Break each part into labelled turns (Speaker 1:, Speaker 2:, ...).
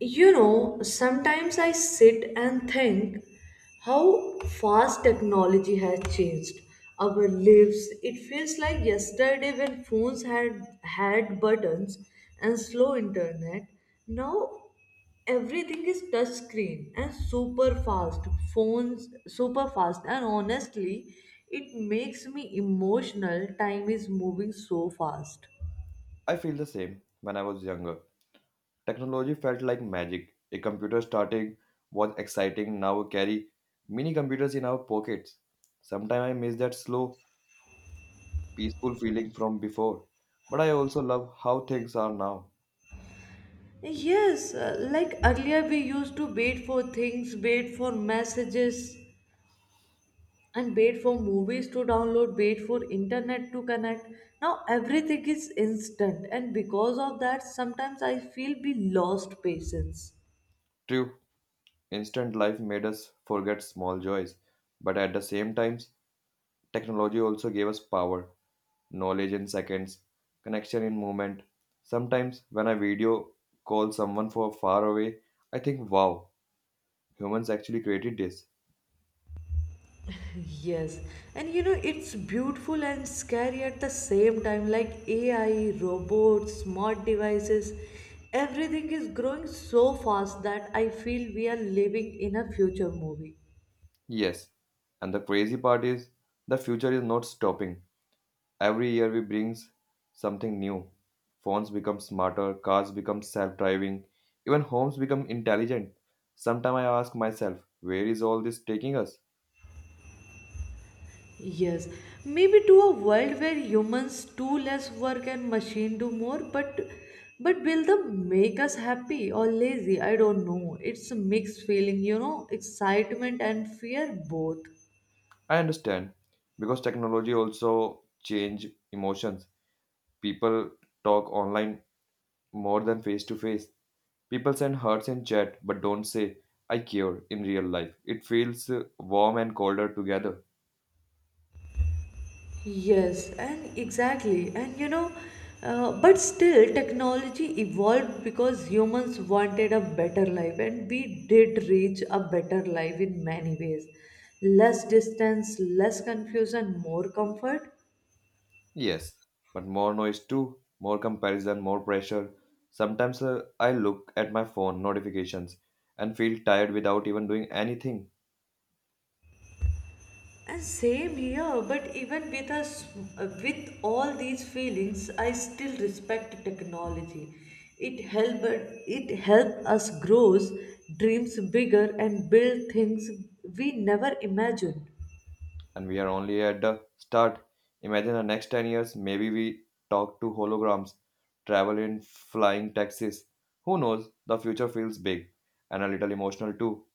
Speaker 1: You know, sometimes I sit and think how fast technology has changed our lives. It feels like yesterday when phones had buttons and slow internet. Now everything is touch screen and super fast. Phones super fast and honestly, it makes me emotional. Time is moving so fast.
Speaker 2: I feel the same when I was younger. Technology felt like magic. A computer starting was exciting, now we carry mini computers in our pockets. Sometimes I miss that slow, peaceful feeling from before. But I also love how things are now.
Speaker 1: Yes, like earlier we used to wait for things, wait for messages, and wait for movies to download, wait for internet to connect. Now everything is instant, and because of that, sometimes I feel we lost patience.
Speaker 2: True, instant life made us forget small joys. But at the same times, technology also gave us power, knowledge in seconds, connection in moment. Sometimes when I video call someone for far away, I think, wow. Humans actually created this.
Speaker 1: Yes, and you know it's beautiful and scary at the same time. Like AI, robots, smart devices, everything is growing so fast that I feel we are living in a future movie.
Speaker 2: Yes. And the crazy part is the future is not stopping. Every year we brings something new. Phones become smarter, cars become self-driving, even homes become intelligent. Sometimes I ask myself, where is all this taking us?
Speaker 1: Yes, maybe to a world where humans do less work and machine do more, but will the make us happy or lazy? I don't know. It's a mixed feeling, you know, excitement and fear both.
Speaker 2: I understand because technology also change emotions. People talk online more than face to face. People send hearts in chat but don't say, I care in real life. It feels warm and colder together.
Speaker 1: Yes, and exactly, and you know, but still, technology evolved because humans wanted a better life, and we did reach a better life in many ways. Less distance, less confusion, more comfort.
Speaker 2: Yes, but more noise too, more comparison, more pressure. Sometimes I look at my phone notifications and feel tired without even doing anything.
Speaker 1: And same here, but even with us, with all these feelings, I still respect technology. It helped it helped us grow dreams bigger and build things we never imagined.
Speaker 2: And we are only at the start. Imagine the next 10 years, maybe we talk to holograms, travel in flying taxis. Who knows? The future feels big and a little emotional too.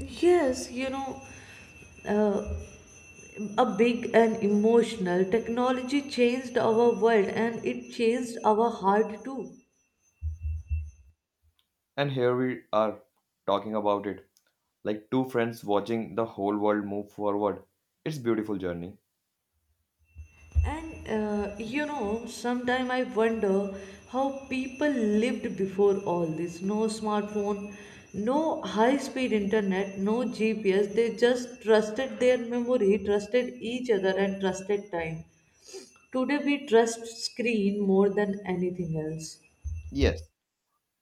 Speaker 1: Yes, you know, uh, a big and emotional technology changed our world and it changed our heart too.
Speaker 2: And here we are talking about it like two friends watching the whole world move forward. It's beautiful journey.
Speaker 1: And you know, sometimes I wonder how people lived before all this. No smartphone, no high speed internet, no GPS. They just trusted their memory, trusted each other, and trusted time. Today we trust screen more than anything else.
Speaker 2: Yes,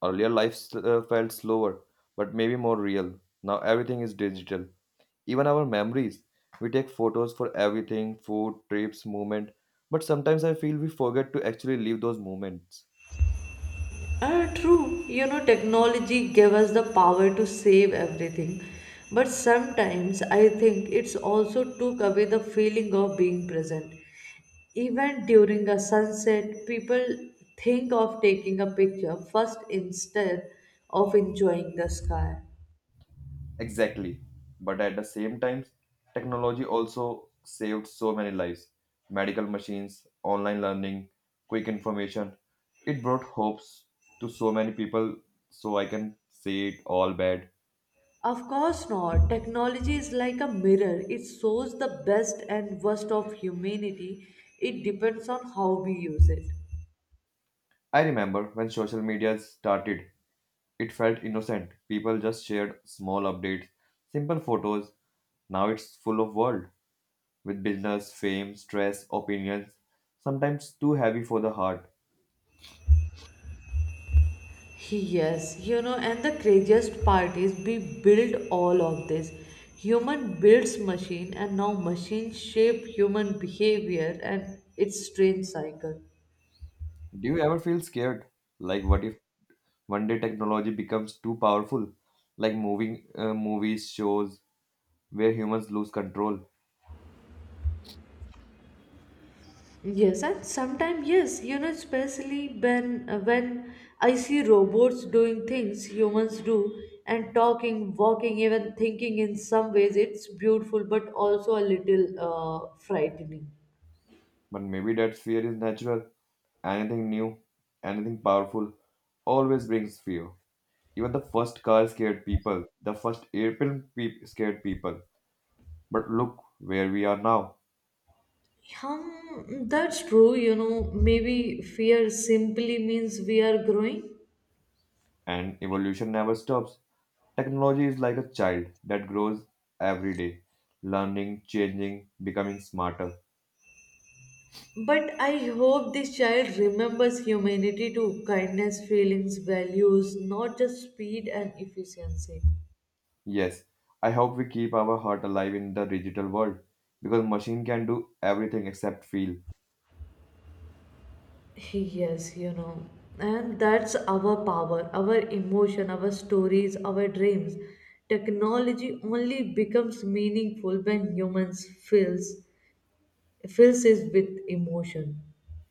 Speaker 2: earlier life felt slower, but maybe more real. Now everything is digital. Even our memories. We take photos for everything, food, trips, movement. But sometimes I feel we forget to actually live those moments.
Speaker 1: True, you know, technology gave us the power to save everything. But sometimes I think it's also took away the feeling of being present. Even during a sunset, people think of taking a picture first instead of enjoying the sky.
Speaker 2: Exactly. But at the same time, technology also saved so many lives. Medical machines, online learning, quick information. It brought hopes to so many people, so I can say it all bad.
Speaker 1: Of course not. Technology is like a mirror. It shows the best and worst of humanity. It depends on how we use it.
Speaker 2: I remember when social media started, it felt innocent. People just shared small updates, simple photos. Now it's full of world with business, fame, stress, opinions, sometimes too heavy for the heart.
Speaker 1: Yes, you know, and the craziest part is we build all of this. Human builds machine and now machines shape human behavior and its strange cycle.
Speaker 2: Do you ever feel scared? Like, what if one day technology becomes too powerful, like moving movies, shows where humans lose control.
Speaker 1: Yes, and sometimes yes, you know, especially when I see robots doing things humans do and talking, walking, even thinking in some ways, it's beautiful but also a little frightening.
Speaker 2: But maybe that fear is natural. Anything new, anything powerful, always brings fear. Even the first car scared people, the first airplane scared people. But look where we are now,
Speaker 1: That's true, you know, maybe fear simply means we are growing.
Speaker 2: and evolution never stops. Technology is like a child that grows every day, learning, changing, becoming smarter.
Speaker 1: But I hope this child remembers humanity too, kindness, feelings, values, not just speed and efficiency.
Speaker 2: Yes, I hope we keep our heart alive in the digital world because machine can do everything except feel.
Speaker 1: Yes, you know, and that's our power, our emotion, our stories, our dreams. Technology only becomes meaningful when humans fills it with emotion.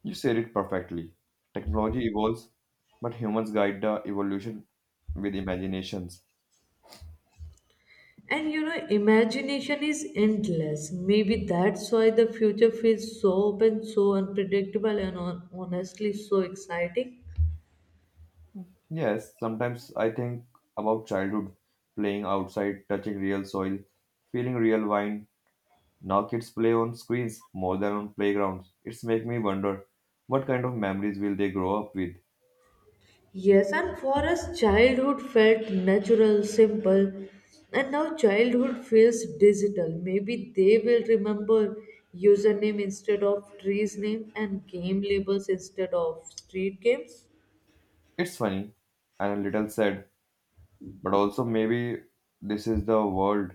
Speaker 2: You said it perfectly. Technology evolves, but humans guide the evolution with imaginations.
Speaker 1: And you know, imagination is endless. Maybe that's why the future feels so open, so unpredictable, and honestly so exciting.
Speaker 2: Yes, sometimes I think about childhood, playing outside, touching real soil, feeling real wine. Now kids play on screens more than on playgrounds. It's make me wonder what kind of memories will they grow up with.
Speaker 1: Yes, and for us, childhood felt natural, simple, and now childhood feels digital. Maybe they will remember username instead of tree's name and game labels instead of street games.
Speaker 2: It's funny and a little sad, but also maybe this is the world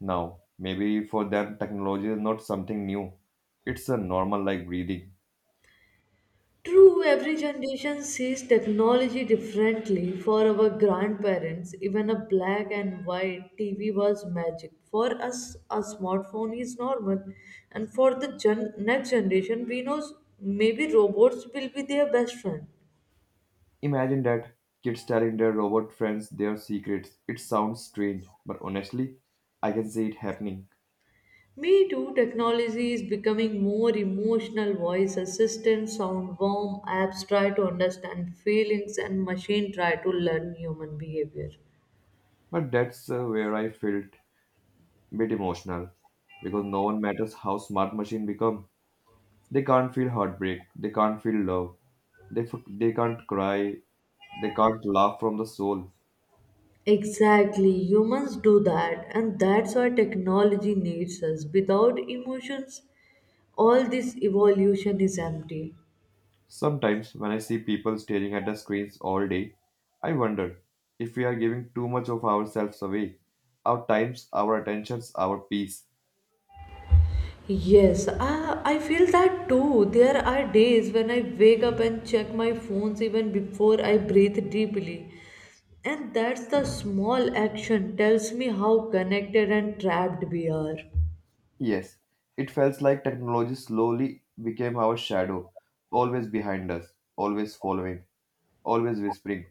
Speaker 2: now. Maybe for them technology is not something new, it's a normal, like breathing.
Speaker 1: True, every generation sees technology differently. For our grandparents, even a black and white TV was magic. For us, a smartphone is normal. And for the next generation, maybe robots will be their best friend.
Speaker 2: Imagine that, kids telling their robot friends their secrets. It sounds strange, but honestly I can see it happening.
Speaker 1: Me too, technology is becoming more emotional. Voice assistants sound warm, apps try to understand feelings, and machine try to learn human behavior.
Speaker 2: But that's where I felt a bit emotional because no one matters how smart machine become. They can't feel heartbreak, they can't feel love, they can't cry, they can't laugh from the soul.
Speaker 1: Exactly, humans do that, and that's why technology needs us. Without emotions, all this evolution is empty.
Speaker 2: Sometimes, when I see people staring at the screens all day, I wonder if we are giving too much of ourselves away, our times, our attentions, our peace.
Speaker 1: Yes, I feel that too. There are days when I wake up and check my phones even before I breathe deeply. And that's the small action tells me how connected and trapped we are.
Speaker 2: Yes, it felt like technology slowly became our shadow, always behind us, always following, always whispering.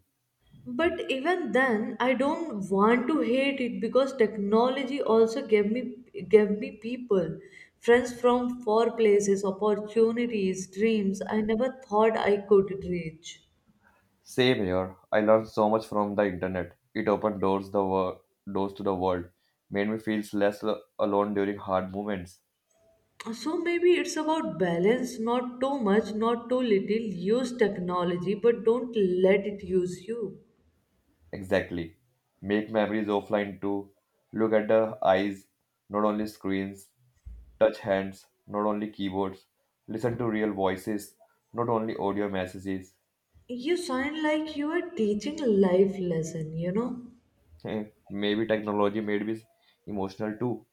Speaker 1: But even then, I don't want to hate it because technology also gave me people, friends from far places, opportunities, dreams I never thought I could reach.
Speaker 2: Same here. I learned so much from the internet. It opened doors to the world, made me feel less alone during hard moments.
Speaker 1: So maybe it's about balance, not too much, not too little. Use technology, but don't let it use you.
Speaker 2: Exactly. Make memories offline too. Look at the eyes, not only screens. Touch hands, not only keyboards. Listen to real voices, not only audio messages.
Speaker 1: You sound like you are teaching life lesson, you know.
Speaker 2: Eh, Maybe technology made me emotional too.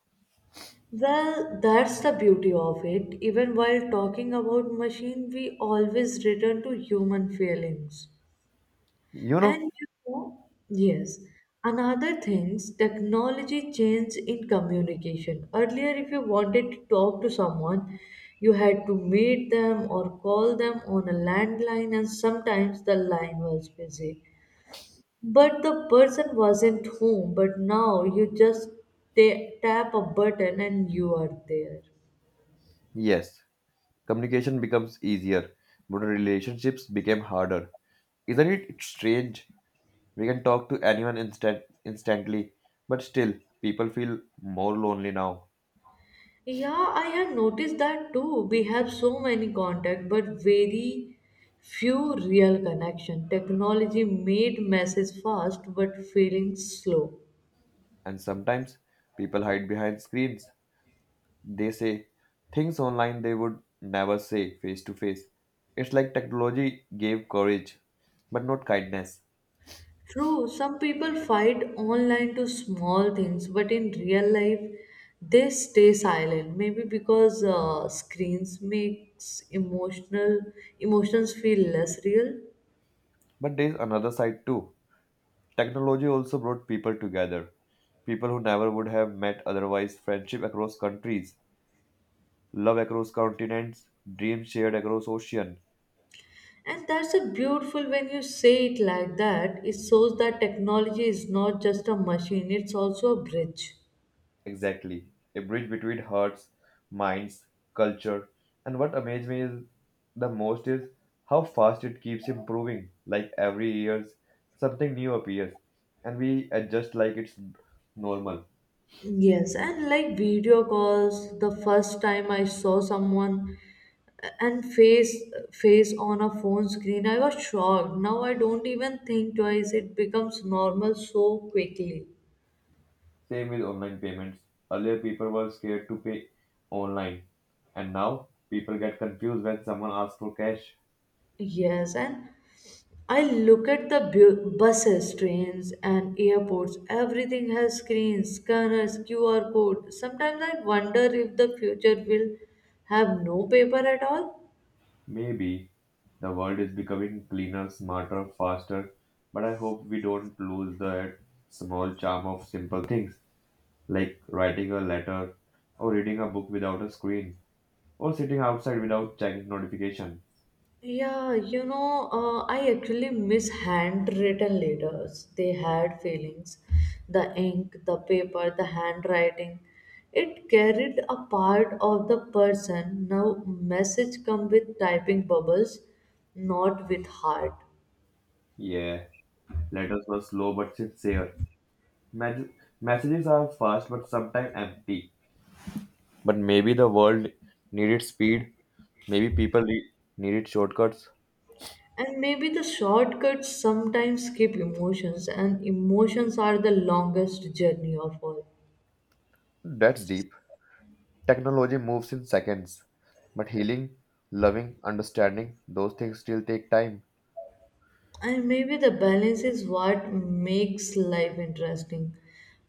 Speaker 1: Well, that's the beauty of it. Even while talking about machine, we always return to human feelings.
Speaker 2: You
Speaker 1: And
Speaker 2: know?
Speaker 1: you know, yes, another things technology change in communication. Earlier, if you wanted to talk to someone, you had to meet them or call them on a landline, and sometimes the line was busy. But the person wasn't home. But now you just tap a button and you are there.
Speaker 2: Yes. Communication becomes easier, but relationships became harder. Isn't it strange? We can talk to anyone instantly, but still people feel more lonely now.
Speaker 1: Yeah, I have noticed that too. We have so many contacts, but very few real connection. Technology made messages fast, but feelings slow.
Speaker 2: And sometimes people hide behind screens. They say things online they would never say face to face. It's like technology gave courage, but not kindness.
Speaker 1: True, some people fight online to small things, but in real life, they stay silent. Maybe because screens makes emotional emotions feel less real.
Speaker 2: But there's another side too. Technology also brought people together. People who never would have met otherwise, friendship across countries, love across continents, dreams shared across ocean.
Speaker 1: And that's a beautiful when you say it like that. It shows that technology is not just a machine, it's also a bridge.
Speaker 2: Exactly. A bridge between hearts, minds, culture. And what amazed me is the most is how fast it keeps improving. Like every year, something new appears, and we adjust like it's normal.
Speaker 1: Yes, and like video calls, the first time I saw someone and face on a phone screen, I was shocked. Now I don't even think twice. It becomes normal so quickly.
Speaker 2: Same with online payments. Earlier, people were scared to pay online, and now people get confused when someone asks for cash.
Speaker 1: Yes, and I look at the buses, trains, and airports. Everything has screens, scanners, QR code. Sometimes I wonder if the future will have no paper at all.
Speaker 2: Maybe the world is becoming cleaner, smarter, faster, but I hope we don't lose the small charm of simple things like writing a letter or reading a book without a screen or sitting outside without checking notification.
Speaker 1: Yeah, you know, I actually miss handwritten letters. They had feelings. The ink, the paper, the handwriting. It carried a part of the person. Now message come with typing bubbles, not with heart.
Speaker 2: Yeah, letters were slow but sincere. Mes- messages are fast but sometimes empty. But maybe the world needed speed, maybe people needed shortcuts.
Speaker 1: And maybe the shortcuts sometimes skip emotions, and emotions are the longest journey of all.
Speaker 2: That's deep. Technology moves in seconds, but healing, loving, understanding, those things still take time.
Speaker 1: And maybe the balance is what makes life interesting.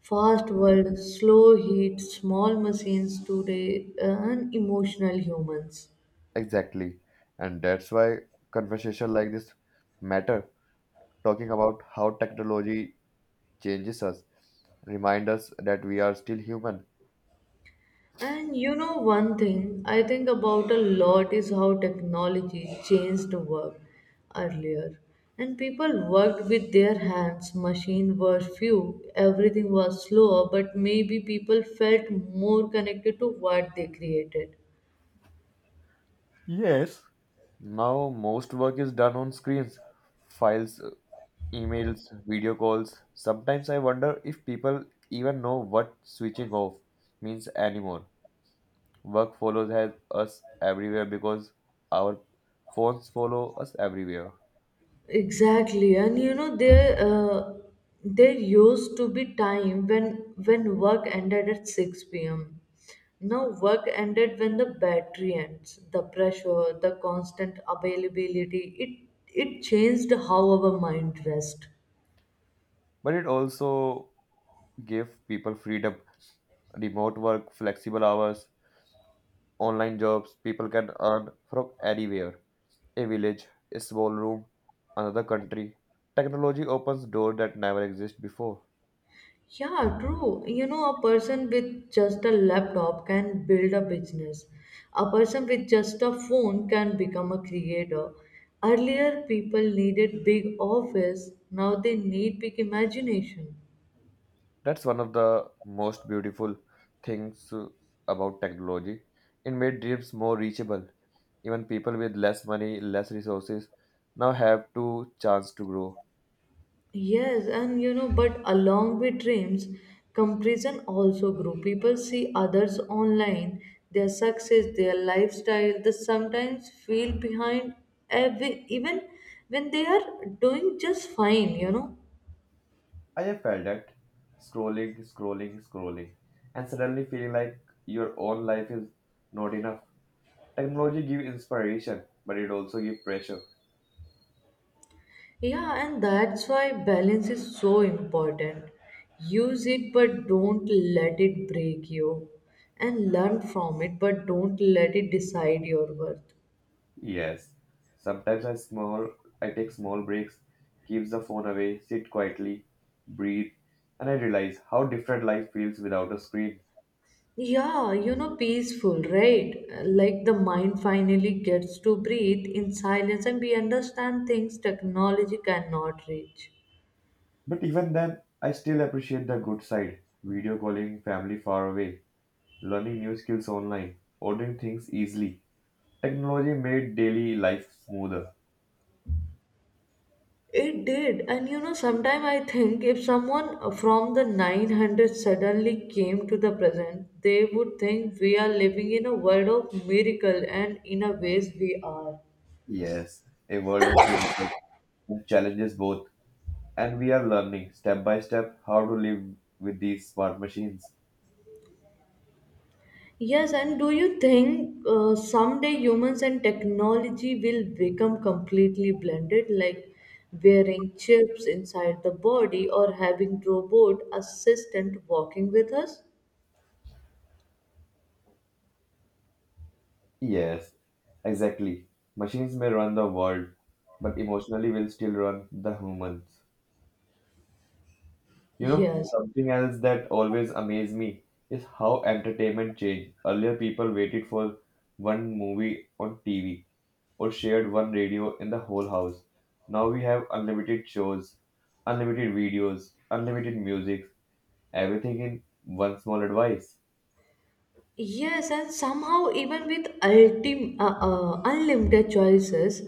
Speaker 1: Fast world, slow heat, small machines today, and emotional humans.
Speaker 2: Exactly. And that's why conversation like this matter, talking about how technology changes us, remind us that we are still human.
Speaker 1: And you know, one thing I think about a lot is how technology changed work earlier. And people worked with their hands, machines were few, everything was slower, but maybe people felt more connected to what they created.
Speaker 2: Yes. Now most work is done on screens, files, emails, video calls. Sometimes I wonder if people even know what switching off means anymore. Work follows has us everywhere because our phones follow us everywhere.
Speaker 1: Exactly, and you know there used to be time when work ended at six p.m. Now work ended when the battery ends. The pressure, the constant availability, it changed how our mind rest.
Speaker 2: But it also gave people freedom, remote work, flexible hours, online jobs. People can earn from anywhere, a village, a small room, another country. Technology opens doors that never exist before.
Speaker 1: Yeah, true. You know, a person with just a laptop can build a business. A person with just a phone can become a creator. Earlier, people needed big office. Now they need big imagination.
Speaker 2: That's one of the most beautiful things about technology. It made dreams more reachable. Even people with less money, less resources now have to chance to grow.
Speaker 1: Yes, and you know, but along with dreams, comparison also grew. People see others online, their success, their lifestyle. They sometimes feel behind, ev- even when they are doing just fine, you know.
Speaker 2: I have felt that scrolling, scrolling, scrolling, and suddenly feeling like your own life is not enough. Technology gives inspiration, but it also gives pressure.
Speaker 1: Yeah, and that's why balance is so important. Use it, but don't let it break you. And learn from it, but don't let it decide your worth.
Speaker 2: Yes. Sometimes I take small breaks, keeps the phone away, sit quietly, breathe, and I realize how different life feels without a screen.
Speaker 1: Yeah, you know, peaceful, right? Like the mind finally gets to breathe in silence and we understand things technology cannot reach.
Speaker 2: But even then, I still appreciate the good side. Video calling family far away, learning new skills online, ordering things easily. Technology made daily life smoother.
Speaker 1: It did, and you know, sometime I think if someone from the 900 suddenly came to the present, they would think we are living in a world of miracle, and in a ways we are.
Speaker 2: Yes, a world of miracles and challenges both. And we are learning step by step how to live with these smart machines.
Speaker 1: Yes, and do you think someday humans and technology will become completely blended, like wearing chips inside the body or having robot assistant walking with us?
Speaker 2: Yes, exactly. Machines may run the world, but emotionally will still run the humans. You know,
Speaker 1: Yes.
Speaker 2: something else that always amazed me is how entertainment changed. Earlier, people waited for one movie on TV, or shared one radio in the whole house. Now we have unlimited shows, unlimited videos, unlimited music, everything in one small device.
Speaker 1: Yes, and somehow, even with unlimited choices,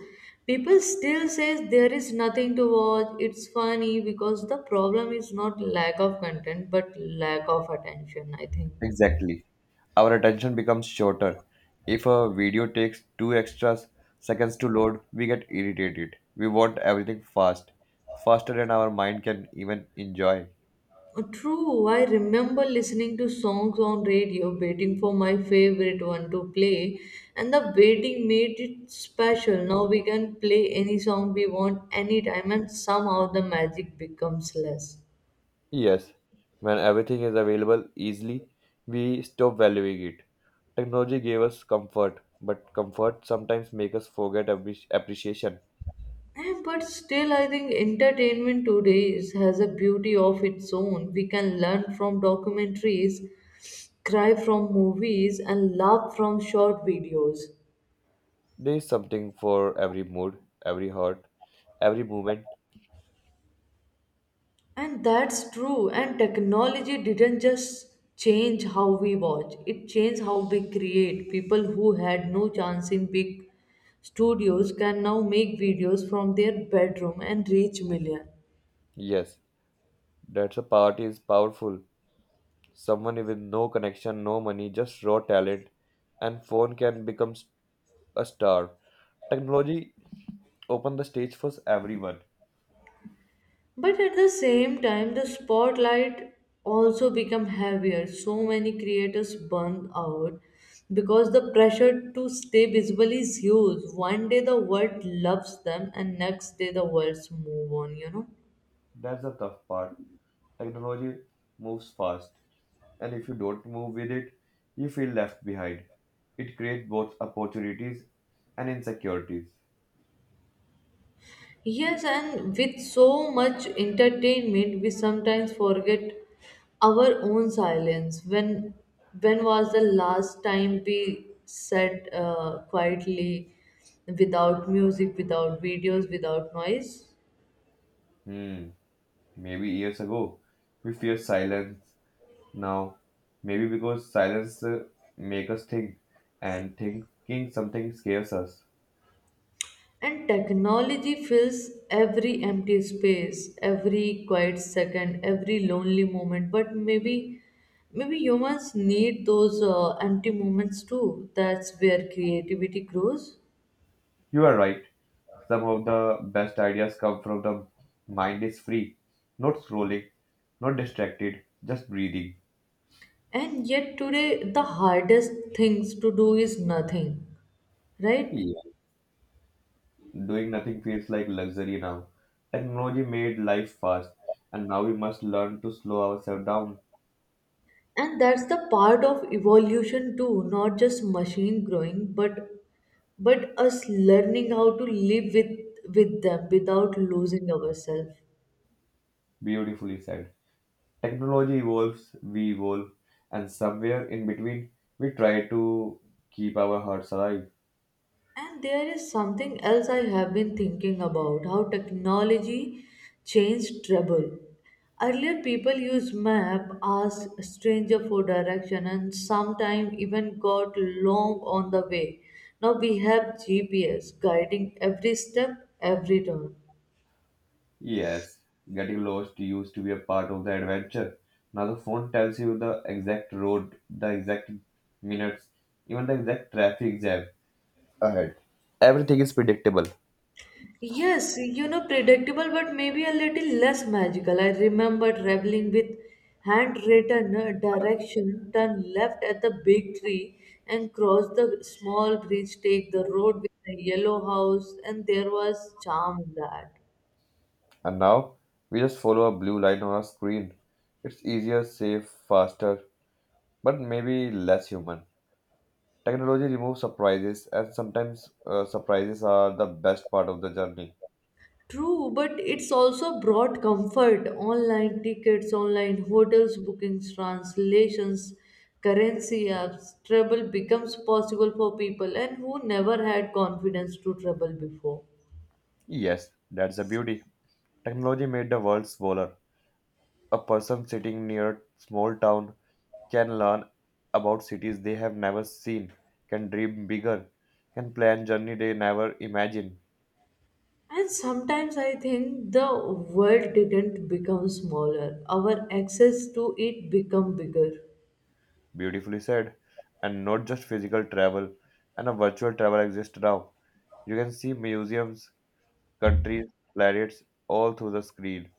Speaker 1: people still says there is nothing to watch. It's funny because the problem is not lack of content, but lack of attention, I think.
Speaker 2: Exactly. Our attention becomes shorter. If a video takes two extra seconds to load, we get irritated. We want everything fast, faster than our mind can even enjoy.
Speaker 1: True, I remember listening to songs on radio, waiting for my favorite one to play, and the waiting made it special. Now we can play any song we want anytime, and somehow the magic becomes less.
Speaker 2: Yes, when everything is available easily, we stop valuing it. Technology gave us comfort, but comfort sometimes makes us forget appreciation.
Speaker 1: But still, I think entertainment today is, has a beauty of its own. We can learn from documentaries, cry from movies, and laugh from short videos.
Speaker 2: There is something for every mood, every heart, every moment.
Speaker 1: And that's true. And technology didn't just change how we watch, it changed how we create. People who had no chance in big studios can now make videos from their bedroom and reach millions.
Speaker 2: Yes, that's a part is powerful. Someone with no connection, no money, just raw talent, and phone can become a star. Technology open the stage for everyone.
Speaker 1: But at the same time, the spotlight also become heavier. So many creators burn out because the pressure to stay visible is huge. One day the world loves them, and next day the world move on. You know.
Speaker 2: That's the tough part. Technology moves fast, and if you don't move with it, you feel left behind. It creates both opportunities and insecurities.
Speaker 1: Yes, and with so much entertainment, we sometimes forget our own silence. When was the last time we sat quietly, without music, without videos, without noise?
Speaker 2: Hmm, Maybe years ago we fear silence. Now, maybe because silence make us think, and thinking something scares us.
Speaker 1: And technology fills every empty space, every quiet second, every lonely moment. But maybe humans need those empty moments too. That's where creativity grows.
Speaker 2: You are right. Some of the best ideas come from the mind is free, not scrolling, not distracted, just breathing.
Speaker 1: And yet, today, the hardest things to do is nothing, right?
Speaker 2: Doing nothing feels like luxury now. Technology made life fast, and now we must learn to slow ourselves down.
Speaker 1: And that's the part of evolution too, not just machine growing, but us learning how to live with them without losing ourselves.
Speaker 2: Beautifully said. Technology evolves, we evolve, and somewhere in between, we try to keep our hearts alive.
Speaker 1: And there is something else I have been thinking about how technology changed travel. Earlier, people used map, asked stranger for direction, and sometimes even got long on the way. Now we have GPS guiding every step, every turn.
Speaker 2: Yes, getting lost used to be a part of the adventure. Now the phone tells you the exact road, the exact minutes, even the exact traffic jam ahead. Everything is predictable.
Speaker 1: Yes, you know, predictable, but maybe a little less magical. I remember traveling with handwritten direction, turn left at the big tree and cross the small bridge, take the road with the yellow house, and there was charm in that.
Speaker 2: And now we just follow a blue line on a screen. It's easier, safe, faster, but maybe less human. Technology removes surprises, and sometimes surprises are the best part of the journey.
Speaker 1: True, but it's also brought comfort. Online tickets, online hotels, bookings, translations, currency apps, travel becomes possible for people and who never had confidence to travel before.
Speaker 2: Yes, that's the beauty. Technology made the world smaller. A person sitting near a small town can learn about cities they have never seen, can dream bigger, can plan journey they never imagined.
Speaker 1: And sometimes I think the world didn't become smaller, our access to it become bigger.
Speaker 2: Beautifully said. And not just physical travel, and a virtual travel exists now. You can see museums, countries, planets all through the screen.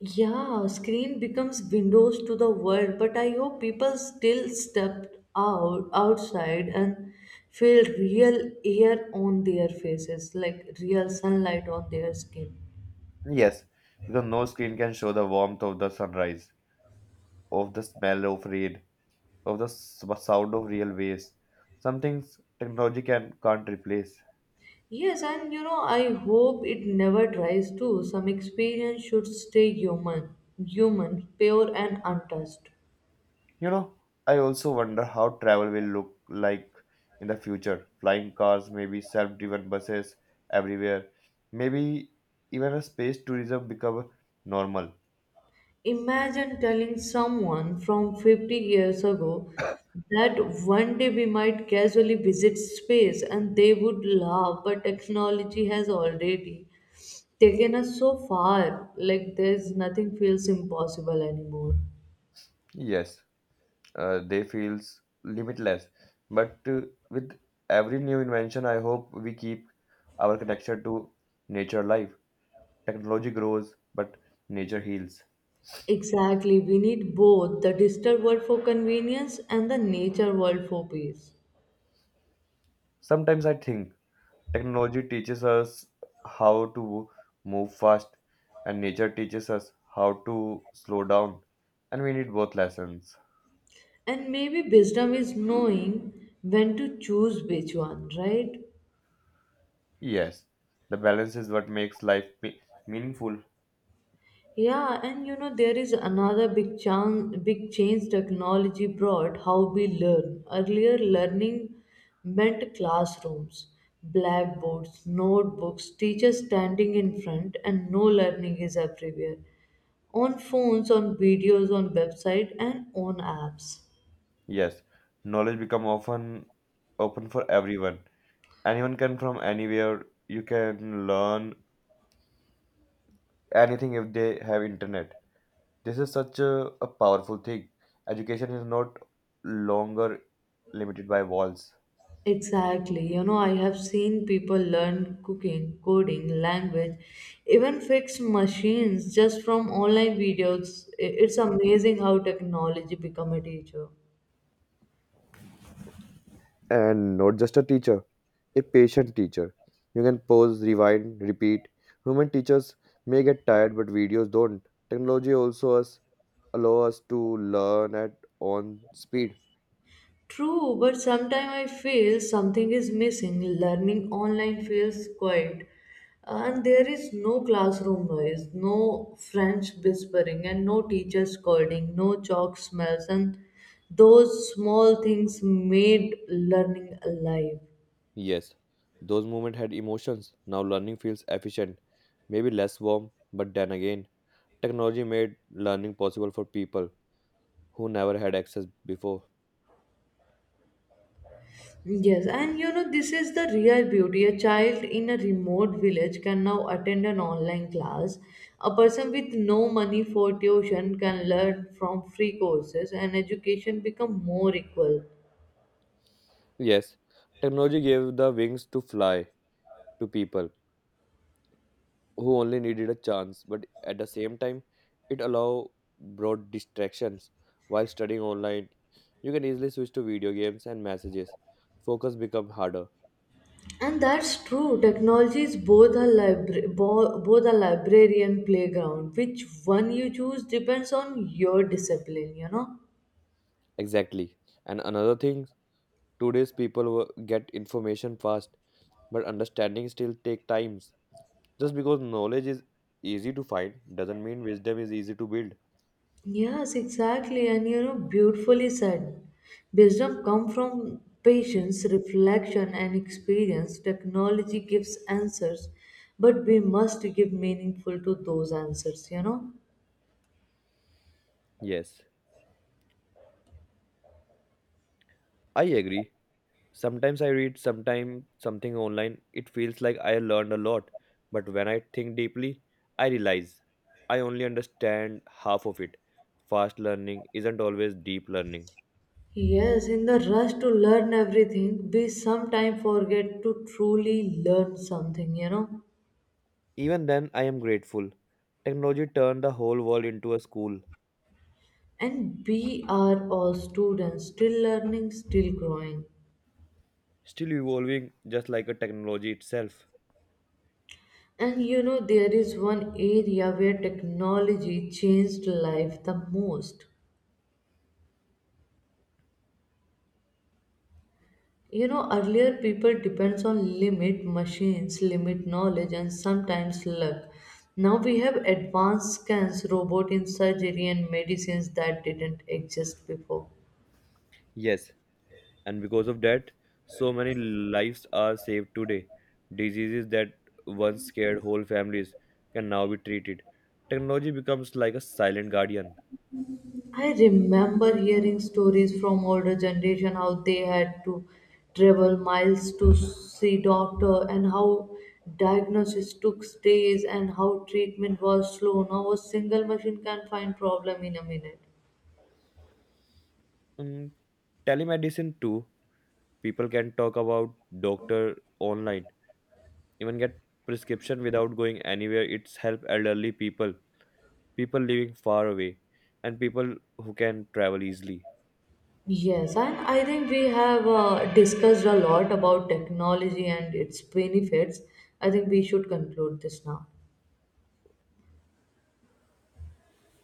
Speaker 1: Yeah, screen becomes windows to the world, but I hope people still stepped out outside and feel real air on their faces, like real sunlight on their skin.
Speaker 2: Yes, because no screen can show the warmth of the sunrise, of the smell of rain, of the sound of real waves. Some things technology can't replace.
Speaker 1: Yes, and you know, I hope it never dries too. Some experience should stay human, pure and untouched.
Speaker 2: You know, I also wonder how travel will look like in the future. Flying cars, maybe self-driven buses everywhere, maybe even a space tourism become normal.
Speaker 1: Imagine telling someone from 50 years ago that one day we might casually visit space and they would laugh, but technology has already taken us so far, like there's nothing feels impossible anymore.
Speaker 2: Yes, they feels limitless. But with every new invention, I hope we keep our connection to nature alive. Technology grows, but nature heals.
Speaker 1: Exactly, we need both the digital world for convenience and the nature world for peace.
Speaker 2: Sometimes I think technology teaches us how to move fast, and nature teaches us how to slow down, and we need both lessons.
Speaker 1: And maybe wisdom is knowing when to choose which one, right?
Speaker 2: Yes, the balance is what makes life meaningful.
Speaker 1: Yeah, and you know, there is another big change technology brought how we learn. Earlier, learning meant classrooms, blackboards, notebooks, teachers standing in front, and no learning is everywhere. On phones, on videos, on website, and on apps.
Speaker 2: Yes, knowledge become often open for everyone. Anyone can from anywhere. You can learn anything if they have internet. This is such a powerful thing. Education is not longer limited by walls.
Speaker 1: Exactly. You know, I have seen people learn cooking, coding, language, even fix machines just from online videos. It's amazing how technology become a teacher.
Speaker 2: And not just a teacher. A patient teacher. You can pause, rewind, repeat. Human teachers may get tired, but videos don't. Technology also us allow us to learn at on speed.
Speaker 1: True, but sometimes I feel something is missing. Learning online feels quiet. And there is no classroom noise, no French whispering, and no teacher scolding, no chalk smells, and those small things made learning alive.
Speaker 2: Yes, those moments had emotions. Now learning feels efficient, maybe less warm, but then again, technology made learning possible for people who never had access before.
Speaker 1: Yes, and you know, this is the real beauty. A child in a remote village can now attend an online class. A person with no money for tuition can learn from free courses and education become more equal.
Speaker 2: Yes, technology gave the wings to fly to people who only needed a chance, but at the same time, it allow broad distractions. While studying online, you can easily switch to video games and messages. Focus become harder.
Speaker 1: And that's true. Technology is both a both a library and playground. Which one you choose depends on your discipline, you know?
Speaker 2: Exactly. And another thing, today's people get information fast, but understanding still take times. Just because knowledge is easy to find doesn't mean wisdom is easy to build.
Speaker 1: Yes, exactly. And you know, beautifully said. Wisdom comes from patience, reflection, and experience. Technology gives answers, but we must give meaningful to those answers, you know.
Speaker 2: Yes, I agree. Sometimes I read, sometimes something online. It feels like I learned a lot, but when I think deeply, I realize I only understand half of it. Fast learning isn't always deep learning.
Speaker 1: Yes, in the rush to learn everything, we sometimes forget to truly learn something, you know.
Speaker 2: Even then, I am grateful. Technology turned the whole world into a school,
Speaker 1: And we are all students, still learning, still growing.
Speaker 2: still evolving just like a technology itself.
Speaker 1: And you know, there is one area where technology changed life the most. You know, earlier people depends on limit machines, limit knowledge, and sometimes luck. Now we have advanced scans, robot in surgery, and medicines that didn't exist before.
Speaker 2: Yes, and because of that, so many lives are saved today. Diseases that once scared whole families can now be treated. Technology becomes like a silent guardian.
Speaker 1: I remember hearing stories from older generation how they had to travel miles to see doctor and how diagnosis took days and how treatment was slow. Now a single machine can find problem in a minute.
Speaker 2: Mm, Telemedicine too, people can talk about doctor online, even get prescription without going anywhere. It's help elderly people, people living far away, and people who can travel easily.
Speaker 1: Yes, and I think we have discussed a lot about technology and its benefits. I think we should conclude this now.